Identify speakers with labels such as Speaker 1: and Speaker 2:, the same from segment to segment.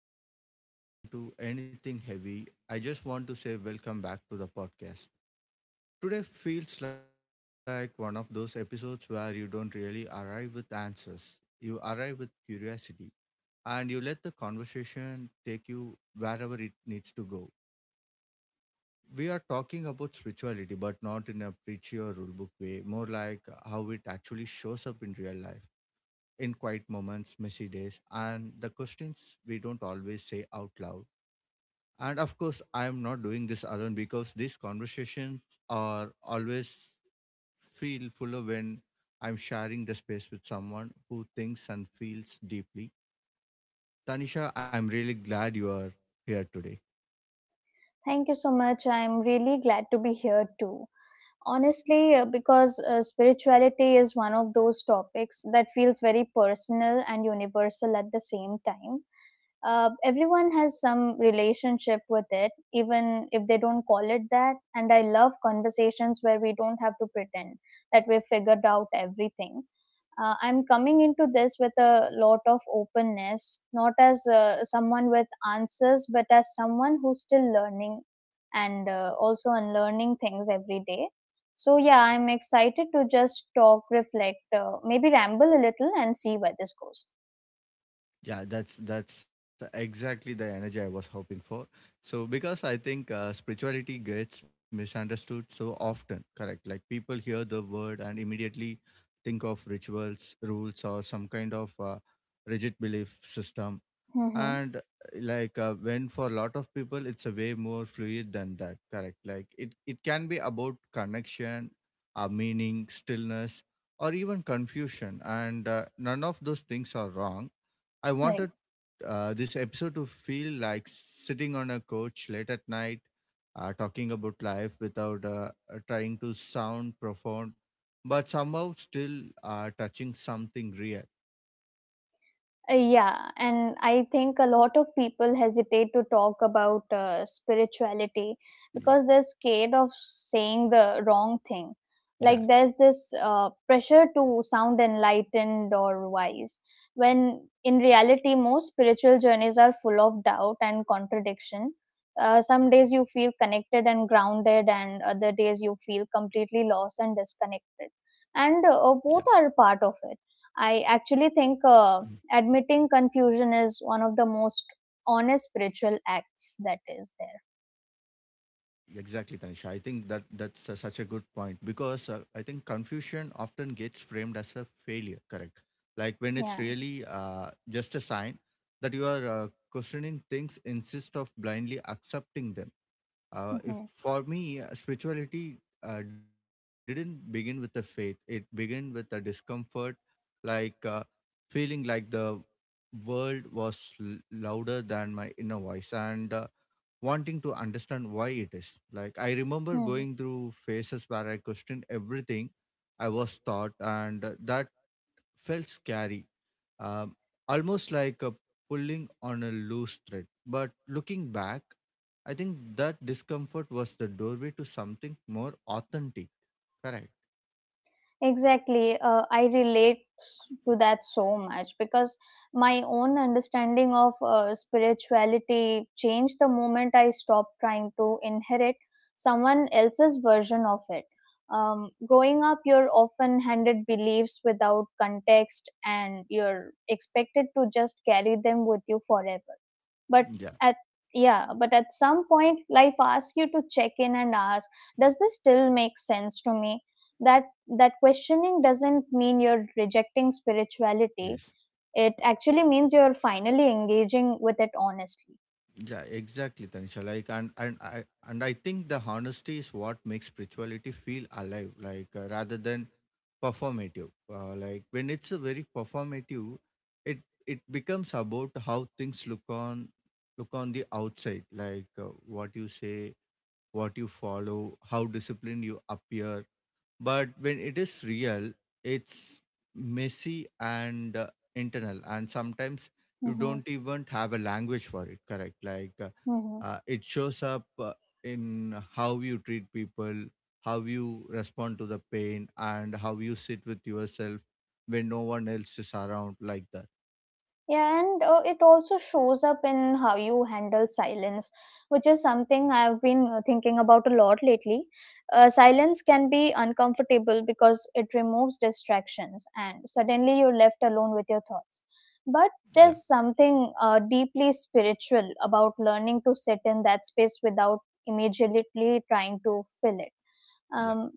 Speaker 1: before we jump into anything heavy, I just want to say welcome back to the podcast. Today feels like one of those episodes where you don't really arrive with answers, you arrive with curiosity, and you let the conversation take you wherever it needs to go. We are talking about spirituality, but not in a preachy or rulebook way, more like how it actually shows up in real life, in quiet moments, messy days, and the questions we don't always say out loud. And of course, I am not doing this alone, because these conversations are always feel fuller when I'm sharing the space with someone who thinks and feels deeply. Tanisha, I'm really glad you are here today.
Speaker 2: Thank you so much. I'm really glad to be here too. Honestly, because spirituality is one of those topics that feels very personal and universal at the same time. Everyone has some relationship with it, even if they don't call it that. And I love conversations where we don't have to pretend that we've figured out everything. I'm coming into this with a lot of openness, not as someone with answers, but as someone who's still learning and also unlearning things every day, so yeah, I'm excited to just talk, reflect, maybe ramble a little and see where this goes.
Speaker 1: Yeah, that's exactly the energy I was hoping for. So because I think spirituality gets misunderstood so often, correct? Like people hear the word and immediately think of rituals, rules, or some kind of rigid belief system.
Speaker 2: Mm-hmm.
Speaker 1: And like when for a lot of people, it's a way more fluid than that, correct? Like it can be about connection, meaning, stillness, or even confusion. And none of those things are wrong. I
Speaker 2: Right.
Speaker 1: wanted this episode to feel like sitting on a couch late at night, talking about life without trying to sound profound, but somehow still touching something real.
Speaker 2: Yeah, and I think a lot of people hesitate to talk about spirituality
Speaker 1: Yeah,
Speaker 2: because they're scared of saying the wrong thing. Like
Speaker 1: yeah,
Speaker 2: there's this pressure to sound enlightened or wise, when in reality, most spiritual journeys are full of doubt and contradiction. Some days you feel connected and grounded, and other days you feel completely lost and disconnected. And
Speaker 1: yeah.
Speaker 2: both are part of it. I
Speaker 1: Mm.
Speaker 2: actually think. Admitting confusion is one of the most honest spiritual acts that is there.
Speaker 1: Yeah, exactly, Tanisha. I think that that's such a good point, because I think confusion often gets framed as a failure. Correct, like when it's
Speaker 2: Yeah.
Speaker 1: really just a sign that you are questioning things instead of blindly accepting them. If
Speaker 2: Hmm.
Speaker 1: for me, spirituality didn't begin with the faith; it began with a discomfort, like feeling like the world was louder than my inner voice, and wanting to understand why it is. Like I remember
Speaker 2: Hmm,
Speaker 1: going through phases where I questioned everything I was taught, and that felt scary, um, almost like a pulling on a loose thread. But looking back, I think that discomfort was the doorway to something more authentic. Correct.
Speaker 2: exactly, I relate to that so much because my own understanding of spirituality changed the moment I stopped trying to inherit someone else's version of it. Um, growing up, you're often handed beliefs without context and you're expected to just carry them with you forever. But
Speaker 1: Yeah.
Speaker 2: at yeah, but at some point, life asks you to check in and ask, does this still make sense to me? That that questioning doesn't mean you're rejecting spirituality.
Speaker 1: Yes.
Speaker 2: It actually means you're finally engaging with it honestly.
Speaker 1: Yeah, exactly, Tanisha. Like, and I think the honesty is what makes spirituality feel alive. Like, rather than performative. Like when it's a very performative, it it becomes about how things look on the outside. Like what you say, what you follow, how disciplined you appear. But when it is real, it's messy and internal, and sometimes you
Speaker 2: Hmm.
Speaker 1: don't even have a language for it. Correct? Like
Speaker 2: Hmm.
Speaker 1: it shows up in how you treat people, how you respond to the pain, and how you sit with yourself when no one else is around. Like that.
Speaker 2: Yeah, and it also shows up in how you handle silence, which is something I've been thinking about a lot lately. Silence can be uncomfortable because it removes distractions, and suddenly you're left alone with your thoughts.
Speaker 1: Yeah.
Speaker 2: But there's something deeply spiritual about learning to sit in that space without immediately trying to fill it. Um,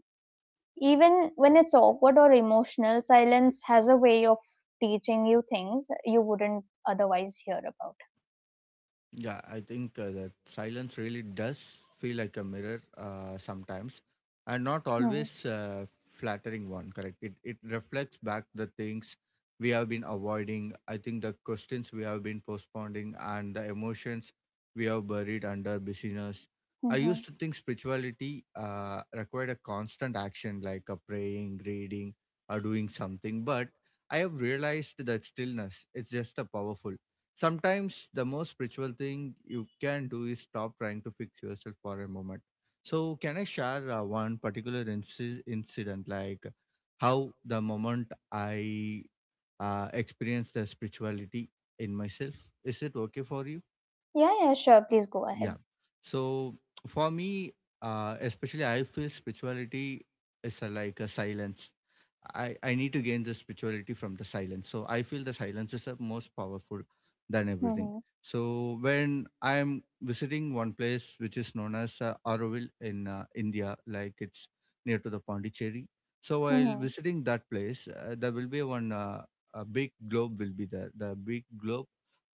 Speaker 2: even when it's awkward or emotional, silence has a way of teaching you things you wouldn't otherwise hear about.
Speaker 1: Yeah, I think that silence really does feel like a mirror sometimes, and not always
Speaker 2: Hmm.
Speaker 1: flattering one. Correct. It reflects back the things we have been avoiding. I think the questions we have been postponing and the emotions we have buried under busyness.
Speaker 2: Hmm,
Speaker 1: I
Speaker 2: hmm.
Speaker 1: used to think spirituality required a constant action like a praying, reading, or doing something, but I have realized that stillness is just a powerful. Sometimes the most spiritual thing you can do is stop trying to fix yourself for a moment. So can I share one particular incident, like how the moment I experienced the spirituality in myself? Is it okay for you?
Speaker 2: Yeah, yeah, sure. Please go
Speaker 1: Yeah.
Speaker 2: ahead.
Speaker 1: So for me, especially I feel spirituality is a, like a silence. I need to gain the spirituality from the silence. So I feel the silence is the most powerful than everything.
Speaker 2: Hmm.
Speaker 1: So when I'm visiting one place which is known as Auroville in India, like it's near to the Pondicherry. So
Speaker 2: Hmm.
Speaker 1: while
Speaker 2: Hmm.
Speaker 1: visiting that place, there will be one a big globe will be there. The big globe,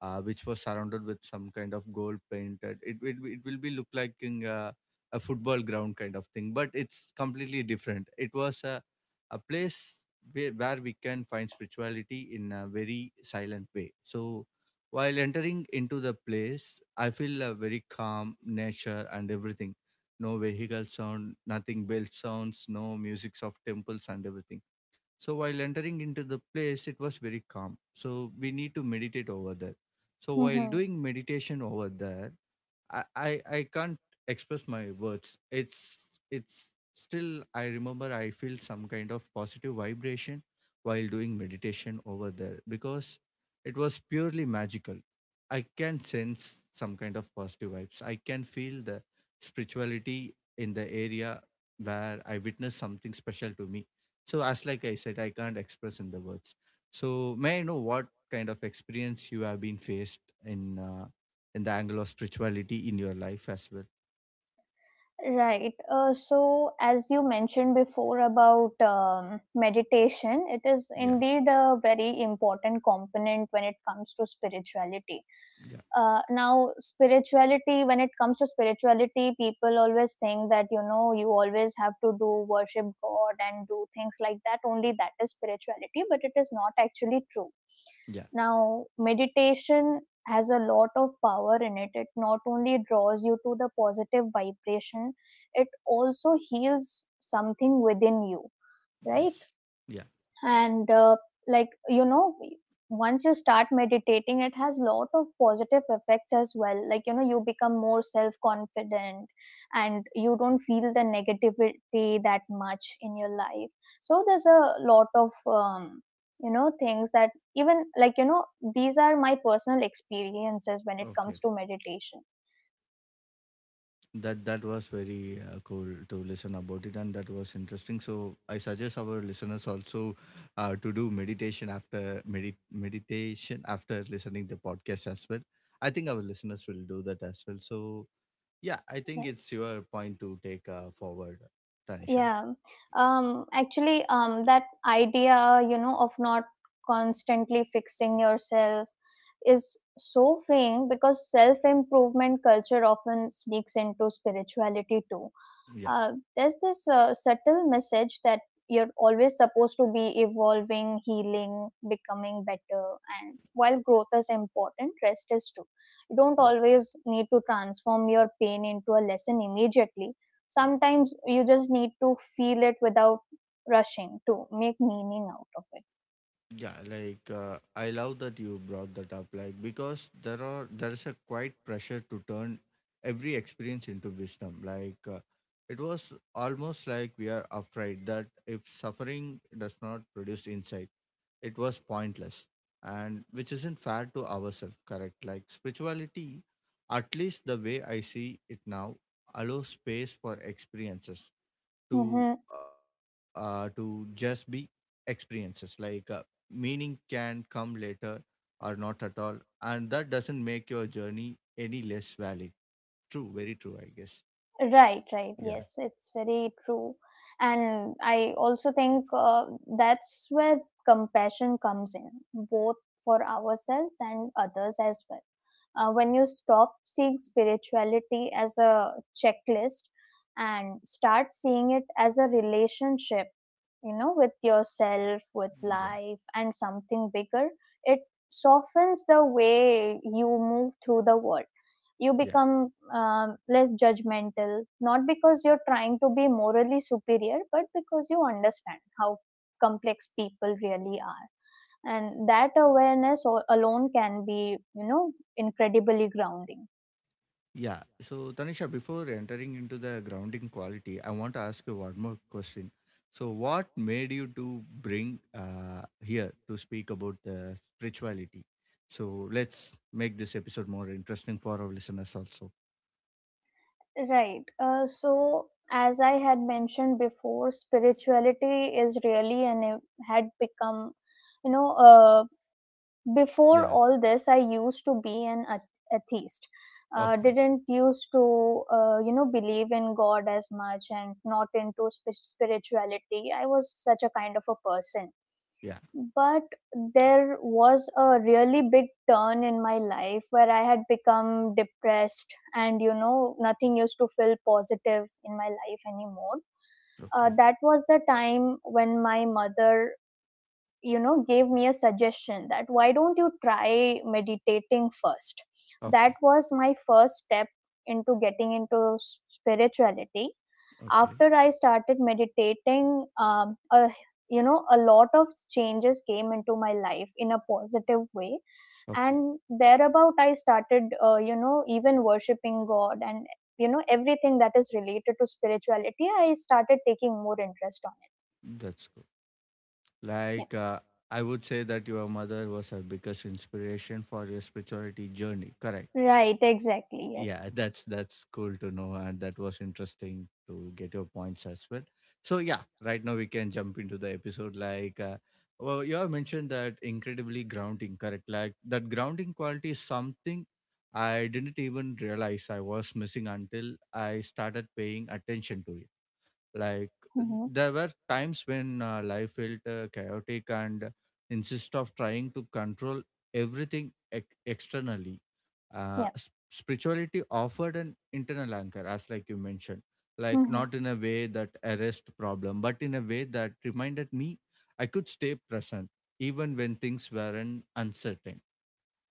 Speaker 1: which was surrounded with some kind of gold painted. It will be look like in, a football ground kind of thing, but it's completely different. It was a place where we can find spirituality in a very silent way. So while entering into the place, I feel a very calm nature and everything. No vehicle sound, nothing bell sounds, no musics of temples and everything. So while entering into the place, it was very calm. So we need to meditate over there. So
Speaker 2: Hmm,
Speaker 1: while
Speaker 2: hmm.
Speaker 1: doing meditation over there, I, I I can't express my words. It's still I remember I feel some kind of positive vibration while doing meditation over there, because it was purely magical. I can sense some kind of positive vibes. I can feel the spirituality in the area where I witnessed something special to me. So as like I said, I can't express in the words. So may I know what kind of experience you have been faced in the angle of spirituality in your life as well?
Speaker 2: Right. So, as you mentioned before about meditation, it is
Speaker 1: Yeah,
Speaker 2: indeed a very important component when it comes to spirituality.
Speaker 1: yeah,
Speaker 2: Now spirituality, when it comes to spirituality, people always think that, you know, you always have to do worship god and do things like that, only that is spirituality, but it is not actually true.
Speaker 1: yeah,
Speaker 2: Now meditation has a lot of power in it. It not only draws you to the positive vibration, it also heals something within you,
Speaker 1: yes,
Speaker 2: right?
Speaker 1: yeah.
Speaker 2: And like you know, once you start meditating, it has lot of positive effects as well, like you know, you become more self confident, and you don't feel the negativity that much in your life. So there's a lot of you know, things that even, like you know, these are my personal experiences when it
Speaker 1: Okay,
Speaker 2: comes to meditation.
Speaker 1: that was very cool to listen about it, and that was interesting. So I suggest our listeners also to do meditation, after meditation after listening the podcast as well. I think our listeners will do that as well. So yeah, I think
Speaker 2: Right.
Speaker 1: it's your point to take forward, Tanisha.
Speaker 2: Yeah. Actually, that idea, you know, of not constantly fixing yourself is so freeing, because self improvement culture often sneaks into spirituality too.
Speaker 1: Yeah,
Speaker 2: There's this subtle message that you're always supposed to be evolving, healing, becoming better. And while growth is important, rest is too. You don't
Speaker 1: yeah.
Speaker 2: always need to transform your pain into a lesson immediately.
Speaker 1: Yeah.
Speaker 2: Sometimes you just need to feel it without rushing to make meaning out of it.
Speaker 1: Yeah, like I love that you brought that up, like because there is a quite pressure to turn every experience into wisdom. Like it was almost like we are afraid that if suffering does not produce insight, it was pointless, and which isn't fair to ourselves, correct? Like spirituality, at least the way I see it now, allows space for experiences to
Speaker 2: Mhm.
Speaker 1: to just be experiences, like meaning can come later or not at all, and that doesn't make your journey any less valid. True, very true, I guess.
Speaker 2: Right, right.
Speaker 1: Yeah,
Speaker 2: Yes, it's very true. And I also think that's where compassion comes in, both for ourselves and others as well. When you stop seeing spirituality as a checklist and start seeing it as a relationship, you know, with yourself, with
Speaker 1: yeah,
Speaker 2: life, and something bigger, it softens the way you move through the world. You
Speaker 1: yeah.
Speaker 2: become less judgmental, not because you're trying to be morally superior, but because you understand how complex people really are, and that awareness alone can be, you know, incredibly grounding.
Speaker 1: Yeah. So, Tanisha, before entering into the grounding quality, I want to ask you one more question. So, what made you to bring here to speak about the spirituality? So, let's make this episode more interesting for our listeners also.
Speaker 2: Right. So as I had mentioned before, spirituality is really and had become, you know, before
Speaker 1: Yeah.
Speaker 2: all this, I used to be an atheist.
Speaker 1: Okay.
Speaker 2: Didn't used to you know, believe in god as much and not into spirituality. I was such a kind of a person.
Speaker 1: Yeah.
Speaker 2: But there was a really big turn in my life where I had become depressed, and you know, nothing used to feel positive in my life anymore.
Speaker 1: Okay.
Speaker 2: That was the time when my mother, you know, gave me a suggestion that why don't you try meditating first. That
Speaker 1: Okay.
Speaker 2: was my first step into getting into spirituality.
Speaker 1: Okay.
Speaker 2: After I started meditating, a, you know, a lot of changes came into my life in a positive way.
Speaker 1: Okay.
Speaker 2: And thereabout I started you know, even worshiping god, and you know, everything that is related to spirituality I started taking more interest on
Speaker 1: That's good.
Speaker 2: it.
Speaker 1: Like, I would say that your mother was her biggest inspiration for your spirituality journey, correct?
Speaker 2: Yeah, right, exactly, yes.
Speaker 1: Yeah, that's cool to know, and that was interesting to get your points as well. So yeah, right now we can jump into the episode, like well, you have mentioned that incredibly grounding, correct? Like that grounding quality is something I didn't even realize I was missing until I started paying attention to it, like
Speaker 2: Mm-hmm.
Speaker 1: there were times when life felt chaotic, and insist of trying to control everything externally,
Speaker 2: Yeah.
Speaker 1: spirituality offered an internal anchor, as like you mentioned. Like
Speaker 2: Hmm.
Speaker 1: not in a way that arrest problem, but in a way that reminded me I could stay present even when things weren't uncertain.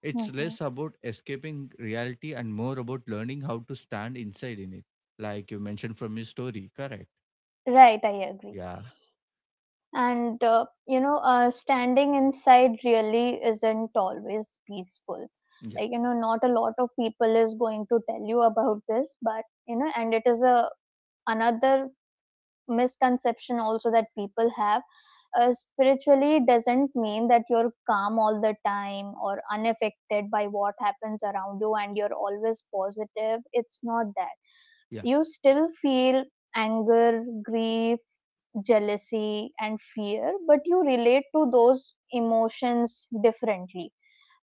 Speaker 1: It's
Speaker 2: Hmm.
Speaker 1: less about escaping reality and more about learning how to stand inside in it, like you mentioned from your story, correct?
Speaker 2: Right, I agree.
Speaker 1: Yeah,
Speaker 2: And you know, standing inside really isn't always peaceful.
Speaker 1: yeah,
Speaker 2: Like you know, not a lot of people is going to tell you about this, but you know, and it is a another misconception also that people have. Spiritually doesn't mean that you're calm all the time or unaffected by what happens around you and you're always positive. It's not that. You still feel anger, grief, jealousy, and fear, but you relate to those emotions differently.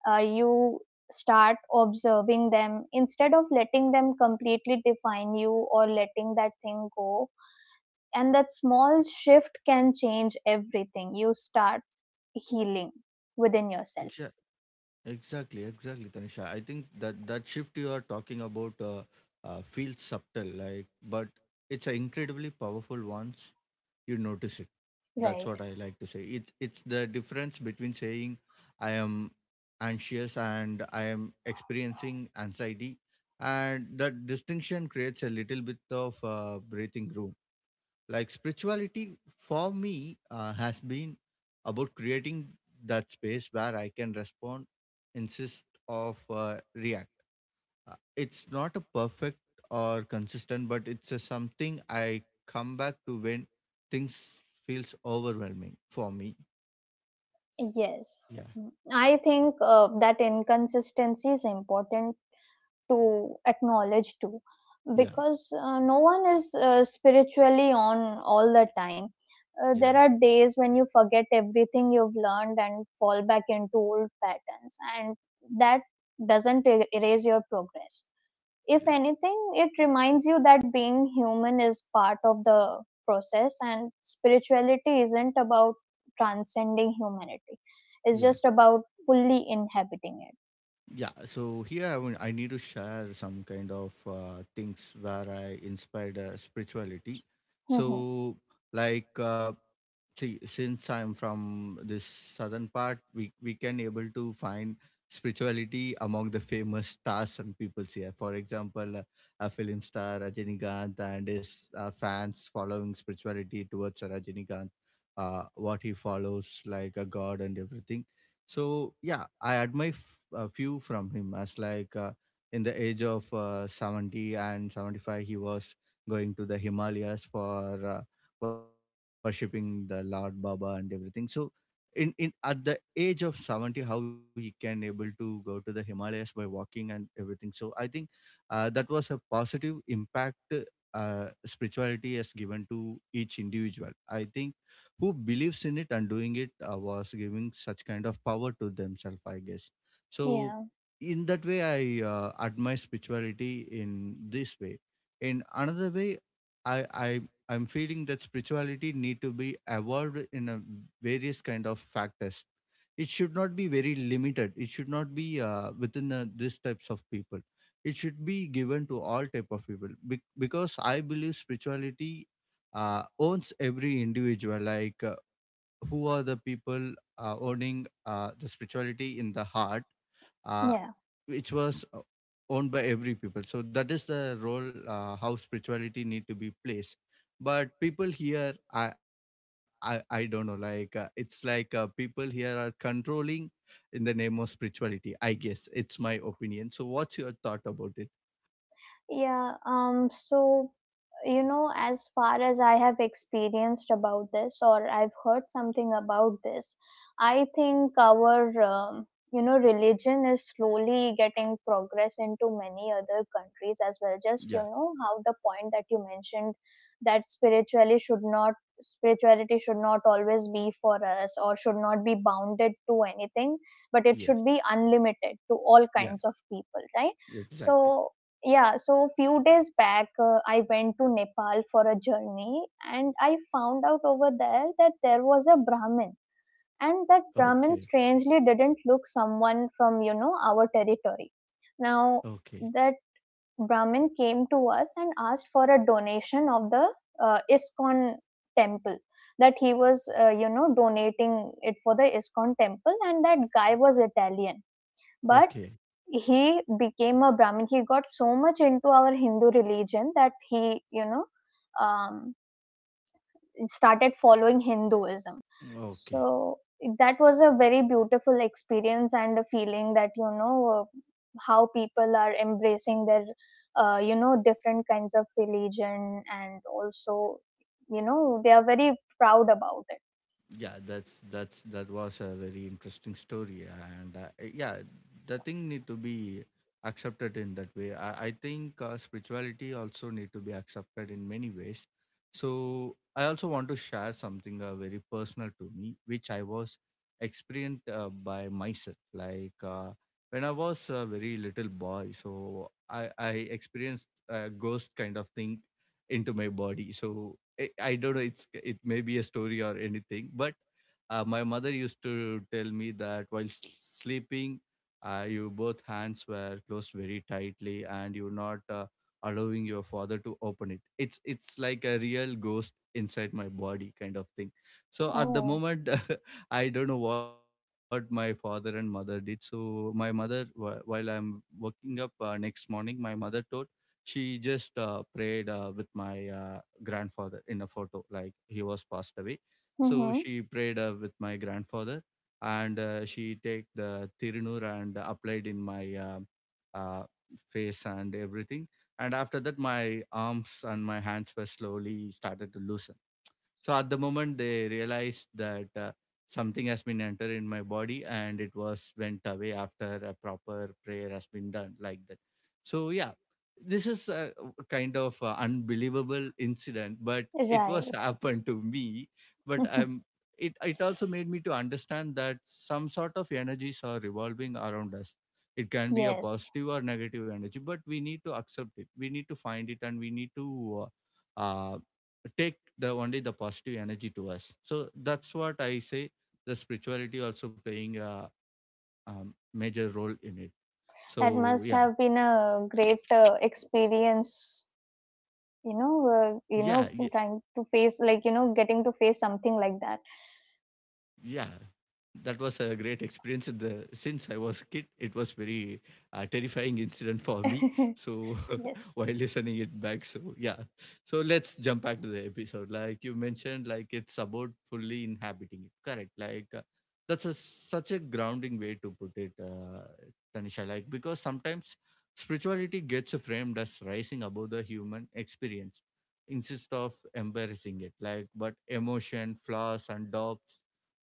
Speaker 2: You start observing them instead of letting them completely define you or letting that thing go. And that small shift can change everything. You start healing within
Speaker 1: yeah.
Speaker 2: yourself.
Speaker 1: Exactly, exactly, Tanisha. I think that that shift you are talking about feels subtle, like, but it's an incredibly powerful once you notice it. That's
Speaker 2: Right,
Speaker 1: what I like to say. It's the difference between saying I am anxious and I am experiencing anxiety, and that distinction creates a little bit of breathing room. Like spirituality for me has been about creating that space where I can respond, insist of react. It's not a perfect or consistent, but it's a something I come back to when things feels overwhelming for me.
Speaker 2: yes.
Speaker 1: Yeah,
Speaker 2: Mm. I think that inconsistency is important to acknowledge too,
Speaker 1: yeah,
Speaker 2: because no one is spiritually on all the time.
Speaker 1: yeah.
Speaker 2: There are days when you forget everything you've learned and fall back into old patterns, and that doesn't erase your progress. If
Speaker 1: Yes.
Speaker 2: anything, it reminds you that being human is part of the process, and spirituality isn't about transcending humanity, it's
Speaker 1: Yeah.
Speaker 2: just about fully inhabiting it.
Speaker 1: Yeah, so here I need to share some kind of things where I inspired spirituality.
Speaker 2: Hmm.
Speaker 1: So, like, see, since I'm from this southern part, we can able to find spirituality among the famous stars and people here, for example a film star Rajinikanth and his fans following spirituality towards Rajinikanth, what he follows like a god and everything. So yeah, I admire a few from him, as like in the age of 70 and 75, he was going to the Himalayas for worshipping the Lord Baba and everything. So in at the age of 70, how he can able to go to the Himalayas by walking and everything, so I think that was a positive impact spirituality has given to each individual, I think, who believes in it and doing it was giving such kind of power to themselves, I guess. So
Speaker 2: Yeah.
Speaker 1: in that way, I admire spirituality in this way. In another way, i i I'm feeling that spirituality need to be evolved in a various kind of factors. It should not be very limited. It should not be within these types of people. It should be given to all type of people because I believe spirituality owns every individual. Like who are the people owning the spirituality in the heart? uh,
Speaker 2: Yeah.
Speaker 1: which was owned by every people, so that is the role, how spirituality need to be placed. But people here, I don't know, like it's like people here are controlling in the name of spirituality, I guess. It's my opinion. So what's your thought about it?
Speaker 2: Yeah, so you know, as far as I have experienced about this or I've heard something about this, I think our you know, religion is slowly getting progress into many other countries as well. Just you
Speaker 1: Yeah.
Speaker 2: know how the point that you mentioned, that spiritually should not spirituality should not always be for us or should not be bounded to anything, but it should
Speaker 1: Yes.
Speaker 2: be unlimited to all
Speaker 1: Yeah,
Speaker 2: kinds of people, right?
Speaker 1: exactly.
Speaker 2: So yeah, so few days back, I went to Nepal for a journey, and I found out over there that there was a Brahmin, and that
Speaker 1: Okay.
Speaker 2: Brahmin strangely didn't look someone from, you know, our territory. Now
Speaker 1: Okay.
Speaker 2: that Brahmin came to us and asked for a donation of the ISKCON temple, that he was you know, donating it for the ISKCON temple, and that guy was Italian, but
Speaker 1: Okay.
Speaker 2: he became a brahmin. He got so much into our hindu religion that he, you know, um, started following hinduism.
Speaker 1: Okay.
Speaker 2: So that was a very beautiful experience and a feeling that, you know, how people are embracing their you know, different kinds of religion, and also you know, they are very proud about it.
Speaker 1: Yeah, that's that was a very interesting story. And yeah, the thing need to be accepted in that way. I think spirituality also need to be accepted in many ways. So I also want to share something very personal to me, which I was experienced by myself. Like when I was a very little boy, so I experienced a ghost kind of thing into my body. So I don't know. It's it may be a story or anything, but my mother used to tell me that while sleeping, your both hands were closed very tightly, and you're not allowing your father to open it. It's like a real ghost inside my body kind of thing. So at the
Speaker 2: Oh.
Speaker 1: moment, I don't know what my father and mother did. So my mother, while I'm waking up next morning, my mother told she just prayed with my grandfather in a photo, like he was passed away. So
Speaker 2: Mm-hmm.
Speaker 1: she prayed with my grandfather, and she take the tirunur and applied in my uh, face and everything. And after that, my arms and my hands were slowly started to loosen. So at the moment, they realized that something has been entered in my body, and it was went away after a proper prayer has been done, like that. So yeah, this is a kind of unbelievable incident, but it was
Speaker 2: Right.
Speaker 1: happened to me. But I'm, it also made me to understand that some sort of energies are revolving around us. It can be a
Speaker 2: Yes.
Speaker 1: positive or negative energy, but we need to accept it. We need to find it, and we need to uh, uh, take the only the positive energy to us. So that's what I say, the spirituality also playing a major role in it.
Speaker 2: That
Speaker 1: So
Speaker 2: must
Speaker 1: yeah.
Speaker 2: have been a great experience,
Speaker 1: Yeah, yeah,
Speaker 2: you know, trying to face, like, you know, getting to face something like that.
Speaker 1: yeah. That was a great experience. The since I was kid, it was very terrifying incident for me. So while
Speaker 2: Yes.
Speaker 1: listening it back, so yeah. So let's jump back to the episode like you mentioned. Like it's about fully inhabiting it, correct? Like that's a such a grounding way to put it, Tanisha. Like because sometimes spirituality gets framed as rising above the human experience instead of embarrassing it, like. But emotion, flaws and doubts,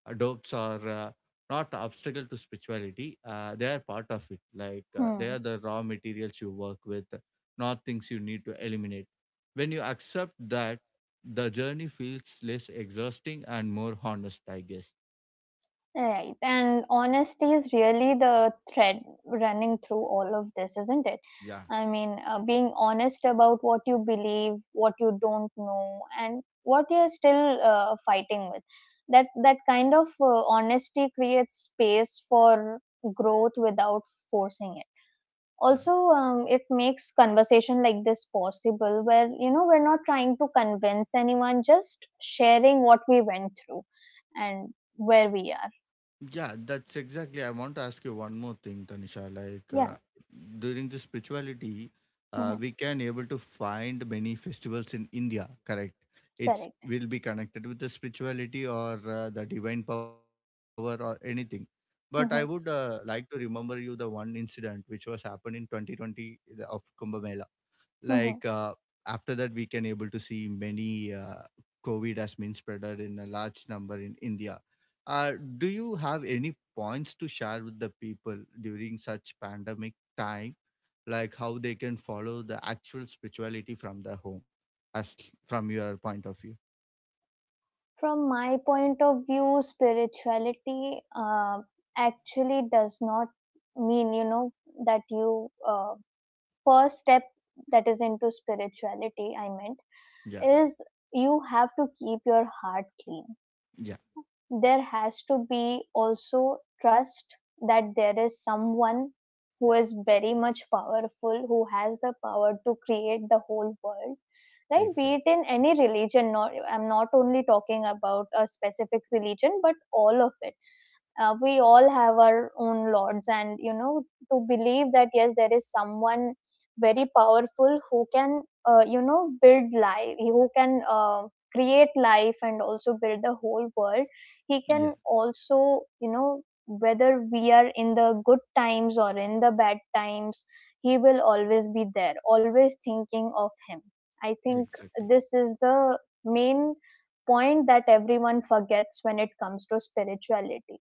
Speaker 1: dopes are not obstacle to spirituality. They are part of it. Like they
Speaker 2: Hmm.
Speaker 1: are the raw materials you work with, not things you need to eliminate. When you accept that, the journey feels less exhausting and more honest, I guess.
Speaker 2: Right. And honesty is really the thread running through all of this, isn't it?
Speaker 1: Yeah.
Speaker 2: I mean, being honest about what you believe, what you don't know, and what you're still fighting with. That kind of honesty creates space for growth without forcing it.
Speaker 1: Yeah.
Speaker 2: Also, it makes conversation like this possible where we're not trying to convince anyone, just sharing what we went through and where we are.
Speaker 1: Yeah, that's exactly. I want to ask you one more thing, Tanisha. Like
Speaker 2: Yeah.
Speaker 1: during the spirituality,
Speaker 2: Hmm.
Speaker 1: we can able to find many festivals in India. Correct? It's
Speaker 2: Correct.
Speaker 1: will be connected with the spirituality or the divine power or anything. But I would
Speaker 2: Hmm.
Speaker 1: like to remember you the one incident which was happened in 2020 of Kumbh Mela. Like
Speaker 2: Hmm.
Speaker 1: after that, we can able to see many covid has been spreaded in a large number in India. Do you have any points to share with the people during such pandemic time, like how they can follow the actual spirituality from the home, as from your point of view?
Speaker 2: From my point of view, spirituality actually does not mean, that you, first step that is into spirituality, I meant,
Speaker 1: Yeah.
Speaker 2: is you have to keep your heart clean.
Speaker 1: Yeah,
Speaker 2: There has to be also trust that there is someone who is very much powerful, who has the power to create the whole world. Right, be it
Speaker 1: exactly.
Speaker 2: in any religion. Not I'm not only talking about a specific religion but all of it. We all have our own lords, and to believe that yes, there is someone very powerful who can, build life, who can, create life and also build the whole world. He
Speaker 1: Yeah,
Speaker 2: can also, you know whether we are in the good times or in the bad times, he will always be there, always thinking of him. I think
Speaker 1: exactly.
Speaker 2: this is the main point that everyone forgets when it comes to spirituality.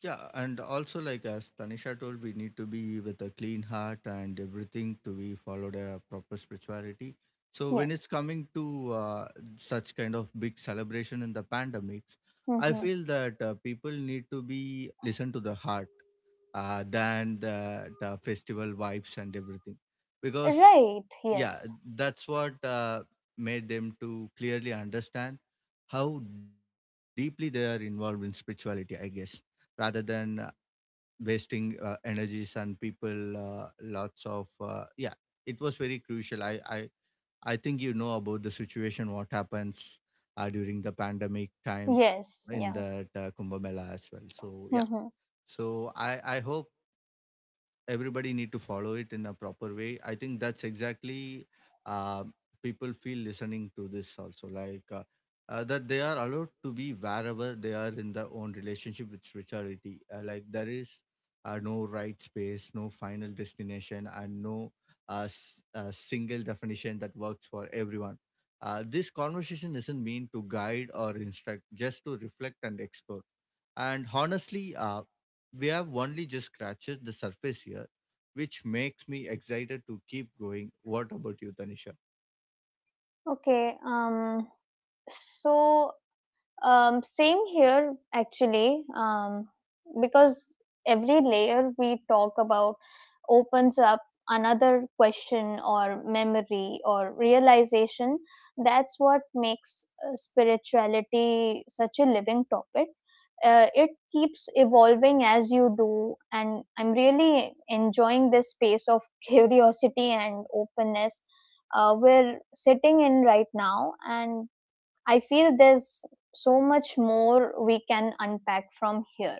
Speaker 1: Yeah, and also like as Tanisha told, we need to be with a clean heart and everything to be followed a proper spirituality. So when it's
Speaker 2: Yes.
Speaker 1: coming to such kind of big celebration in the pandemics, I
Speaker 2: Mm-hmm.
Speaker 1: feel that people need to be listen to the heart than the festival vibes and everything, because
Speaker 2: Right.
Speaker 1: yeah,
Speaker 2: Yes.
Speaker 1: that's what made them to clearly understand how deeply they are involved in spirituality, I guess, rather than wasting energies and people lots of yeah, it was very crucial. I I think you know about the situation what happens during the pandemic time
Speaker 2: Yes.
Speaker 1: in
Speaker 2: Yeah.
Speaker 1: that Kumbh Mela as well. So yeah.
Speaker 2: Mm-hmm.
Speaker 1: So I hope everybody need to follow it in a proper way. I think that's exactly uh, people feel listening to this also. Like that they are allowed to be wherever they are in their own relationship with spirituality. Like there is no right space, no final destination, and no single definition that works for everyone. This conversation isn't mean to guide or instruct, just to reflect and explore. And honestly, we have only just scratched the surface here, which makes me excited to keep going. What about you, Tanisha?
Speaker 2: Okay. So. Same here, actually, because every layer we talk about opens up another question or memory or realization. That's what makes spirituality such a living topic. It keeps evolving as you do, and I'm really enjoying this space of curiosity and openness we're sitting in right now. And I feel there's so much more we can unpack from here.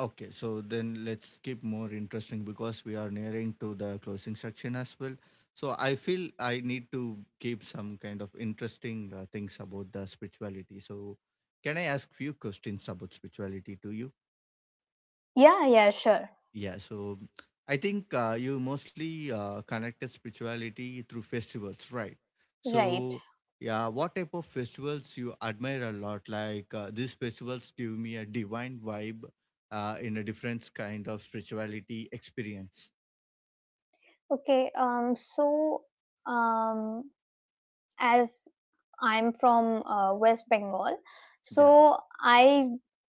Speaker 1: Okay, so then let's keep more interesting, because we are nearing to the closing section as well. So I feel I need to keep some kind of interesting things about the spirituality. So can I ask few questions about spirituality to you?
Speaker 2: Yeah, yeah, sure.
Speaker 1: Yeah, so I think you mostly connected spirituality through festivals, right?
Speaker 2: Right.
Speaker 1: So yeah, what type of festivals you admire a lot? Like these festivals give me a divine vibe in a different kind of spirituality experience.
Speaker 2: Okay. So, um, as I'm from West Bengal,
Speaker 1: Yeah.
Speaker 2: so I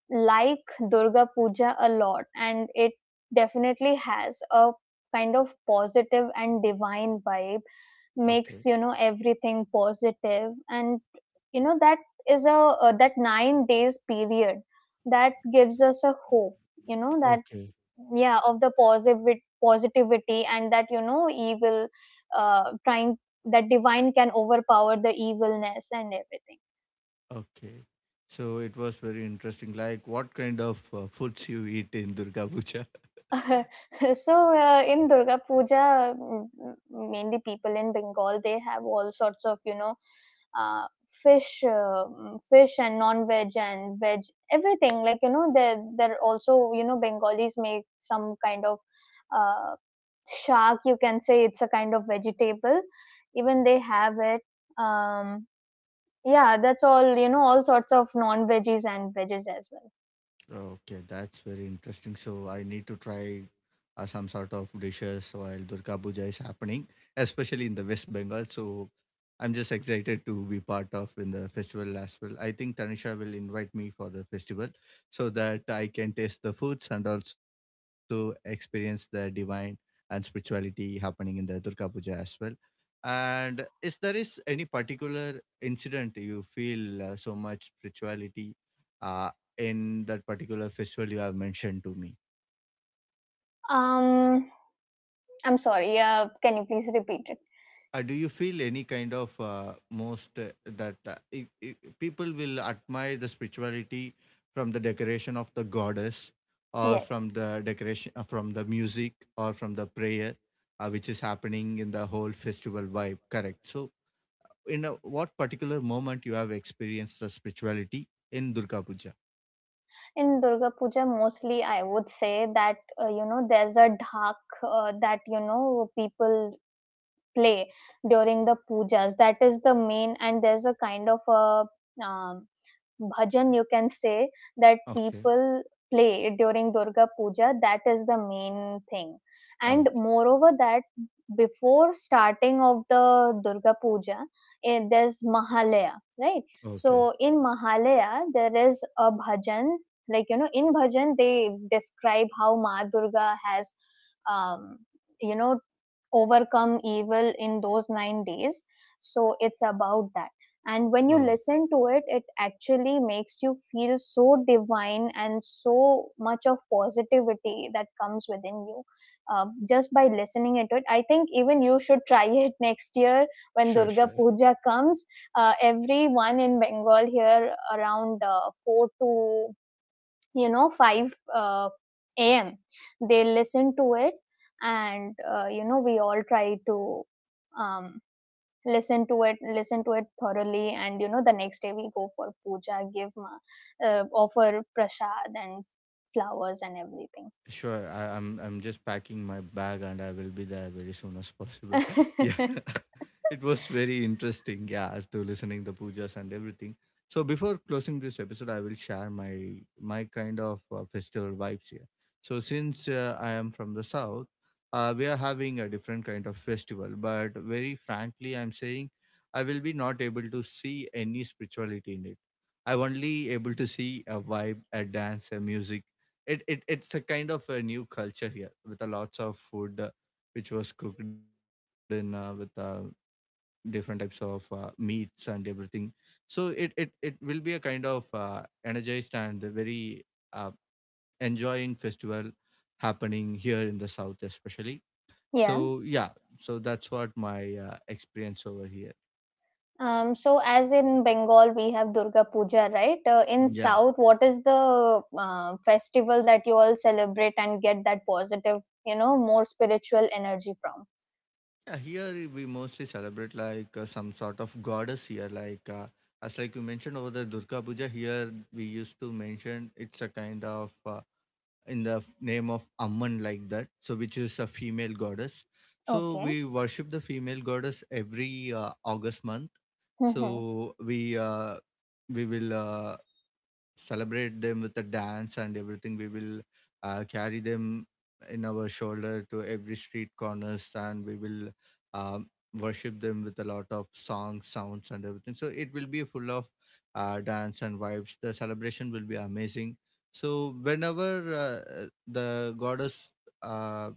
Speaker 2: like Durga Puja a lot, and it definitely has a kind of positive and divine vibe, makes
Speaker 1: Okay.
Speaker 2: everything positive. And that is a that 9 days period that gives us a hope, that,
Speaker 1: Okay.
Speaker 2: yeah, of the positive positivity, and that, evil, trying, that divine can overpower the evilness and everything.
Speaker 1: Okay. So it was very interesting. Like, what kind of foods you eat in Durga Puja?
Speaker 2: So, in Durga Puja, mainly people in Bengal, they have all sorts of, uh, fish, fish and non-veg and veg, everything. Like, they're also, Bengalis make some kind of uh, shark, you can say it's a kind of vegetable. Even they have it. Um, yeah, that's all, all sorts of non-veggies and veggies as well.
Speaker 1: Okay, that's very interesting. So I need to try some sort of dishes while Durga Puja is happening, especially in the West Bengal. So I'm just excited to be part of in the festival as well. I think Tanisha will invite me for the festival so that I can taste the foods and also experience the divine and spirituality happening in the Durga Puja as well. And is there is any particular incident you feel so much spirituality uh, in that particular festival you have mentioned to me.
Speaker 2: Um, I'm sorry, can you please repeat it?
Speaker 1: Do you feel any kind of most that I people will admire the spirituality from the decoration of the goddess or from
Speaker 2: Yes.
Speaker 1: the decoration from the music or from the prayer which is happening in the whole festival vibe, correct? So in a, what particular moment you have experienced the spirituality in Durga Puja?
Speaker 2: In Durga Puja, mostly I would say that, there's a dhak, that, people play during the pujas. That is the main, and there's a kind of a um, bhajan, you can say, that
Speaker 1: Okay.
Speaker 2: people play during Durga Puja. That is the main thing. And
Speaker 1: Okay.
Speaker 2: moreover that, before starting of the Durga Puja, there's Mahalaya, right? So
Speaker 1: Okay.
Speaker 2: in Mahalaya there is a bhajan. Like, in bhajan they describe how Ma Durga has, um, you know overcome evil in those 9 days. So it's about that. And when you
Speaker 1: Oh.
Speaker 2: listen to it, it actually makes you feel so divine and so much of positivity that comes within you, just by listening into it. I think even you should try it next year when
Speaker 1: Sure,
Speaker 2: Durga
Speaker 1: sure.
Speaker 2: Puja comes. Everyone in Bengal here around 4 to, 5 am, they listen to it. And we all try to, um, listen to it thoroughly. And the next day we go for puja, give offer prasad and flowers and everything.
Speaker 1: Sure, I'm just packing my bag and I will be there very soon as possible. Yeah, it was very interesting. Yeah, to listening the pujas and everything. So before closing this episode, I will share my kind of festival vibes here. So since I am from the south, we are having a different kind of festival. But very frankly, I'm saying I will be not able to see any spirituality in it. I'm only able to see a vibe, a dance, a music. It's a kind of a new culture here with a lots of food which was cooked in with different types of meats and everything. So it will be a kind of energized and very uh, enjoying festival happening here in the south especially.
Speaker 2: Yeah.
Speaker 1: So yeah, so that's what my experience over here.
Speaker 2: So as in Bengal, we have Durga Puja, right? In
Speaker 1: Yeah.
Speaker 2: South, what is the festival that you all celebrate and get that positive, more spiritual energy from?
Speaker 1: Yeah, here we mostly celebrate like some sort of goddess here. Like as like you mentioned over the Durga Puja, here we used to mention it's a kind of in the name of Amman, like that. So which is a female goddess. So
Speaker 2: Okay.
Speaker 1: we worship the female goddess every August month.
Speaker 2: Mm-hmm.
Speaker 1: So we will celebrate them with a dance and everything. We will carry them in our shoulder to every street corners, and we will um, worship them with a lot of songs, sounds, and everything. So it will be full of dance and vibes. The celebration will be amazing. So whenever the goddess uh,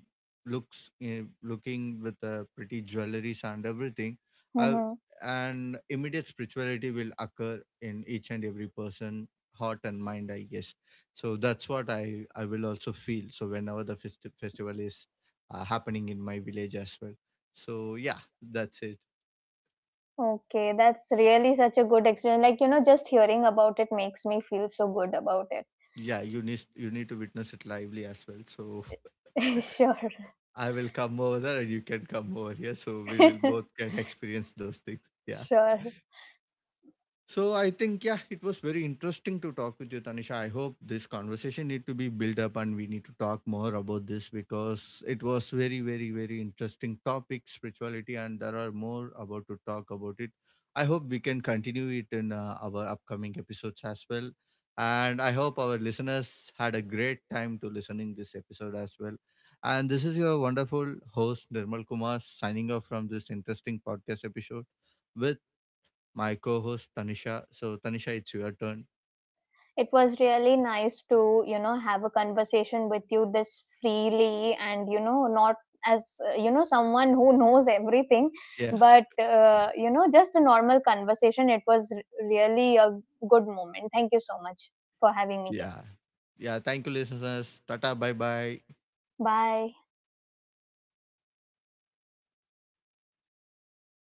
Speaker 1: looks looking with pretty jewelries and everything, I,
Speaker 2: Mm-hmm.
Speaker 1: and immediate spirituality will occur in each and every person heart and mind, I guess. So that's what I will also feel, so whenever the festival is happening in my village as well. So yeah, that's it.
Speaker 2: Okay, that's really such a good experience. Like, just hearing about it makes me feel so good about it.
Speaker 1: Yeah, you need to witness it lively as well. So
Speaker 2: Sure.
Speaker 1: I will come over there and you can come over here, so we will both can experience those things. Yeah.
Speaker 2: Sure.
Speaker 1: So I think yeah, it was very interesting to talk with you, Tanisha. I hope this conversation need to be built up and we need to talk more about this, because it was very, very, very interesting topic, spirituality, and there are more about to talk about it. I hope we can continue it in our upcoming episodes as well. And I hope our listeners had a great time to listening this episode as well. And this is your wonderful host Nirmal Kumar signing off from this interesting podcast episode with my co-host Tanisha. So Tanisha, it's your turn.
Speaker 2: It was really nice to, have a conversation with you this freely and, not as, someone who knows everything,
Speaker 1: Yeah.
Speaker 2: but, just a normal conversation. It was really a good moment. Thank you so much for having me here.
Speaker 1: Yeah. Yeah. Thank you, listeners. Tata. Bye bye.
Speaker 2: Bye.
Speaker 1: Okay.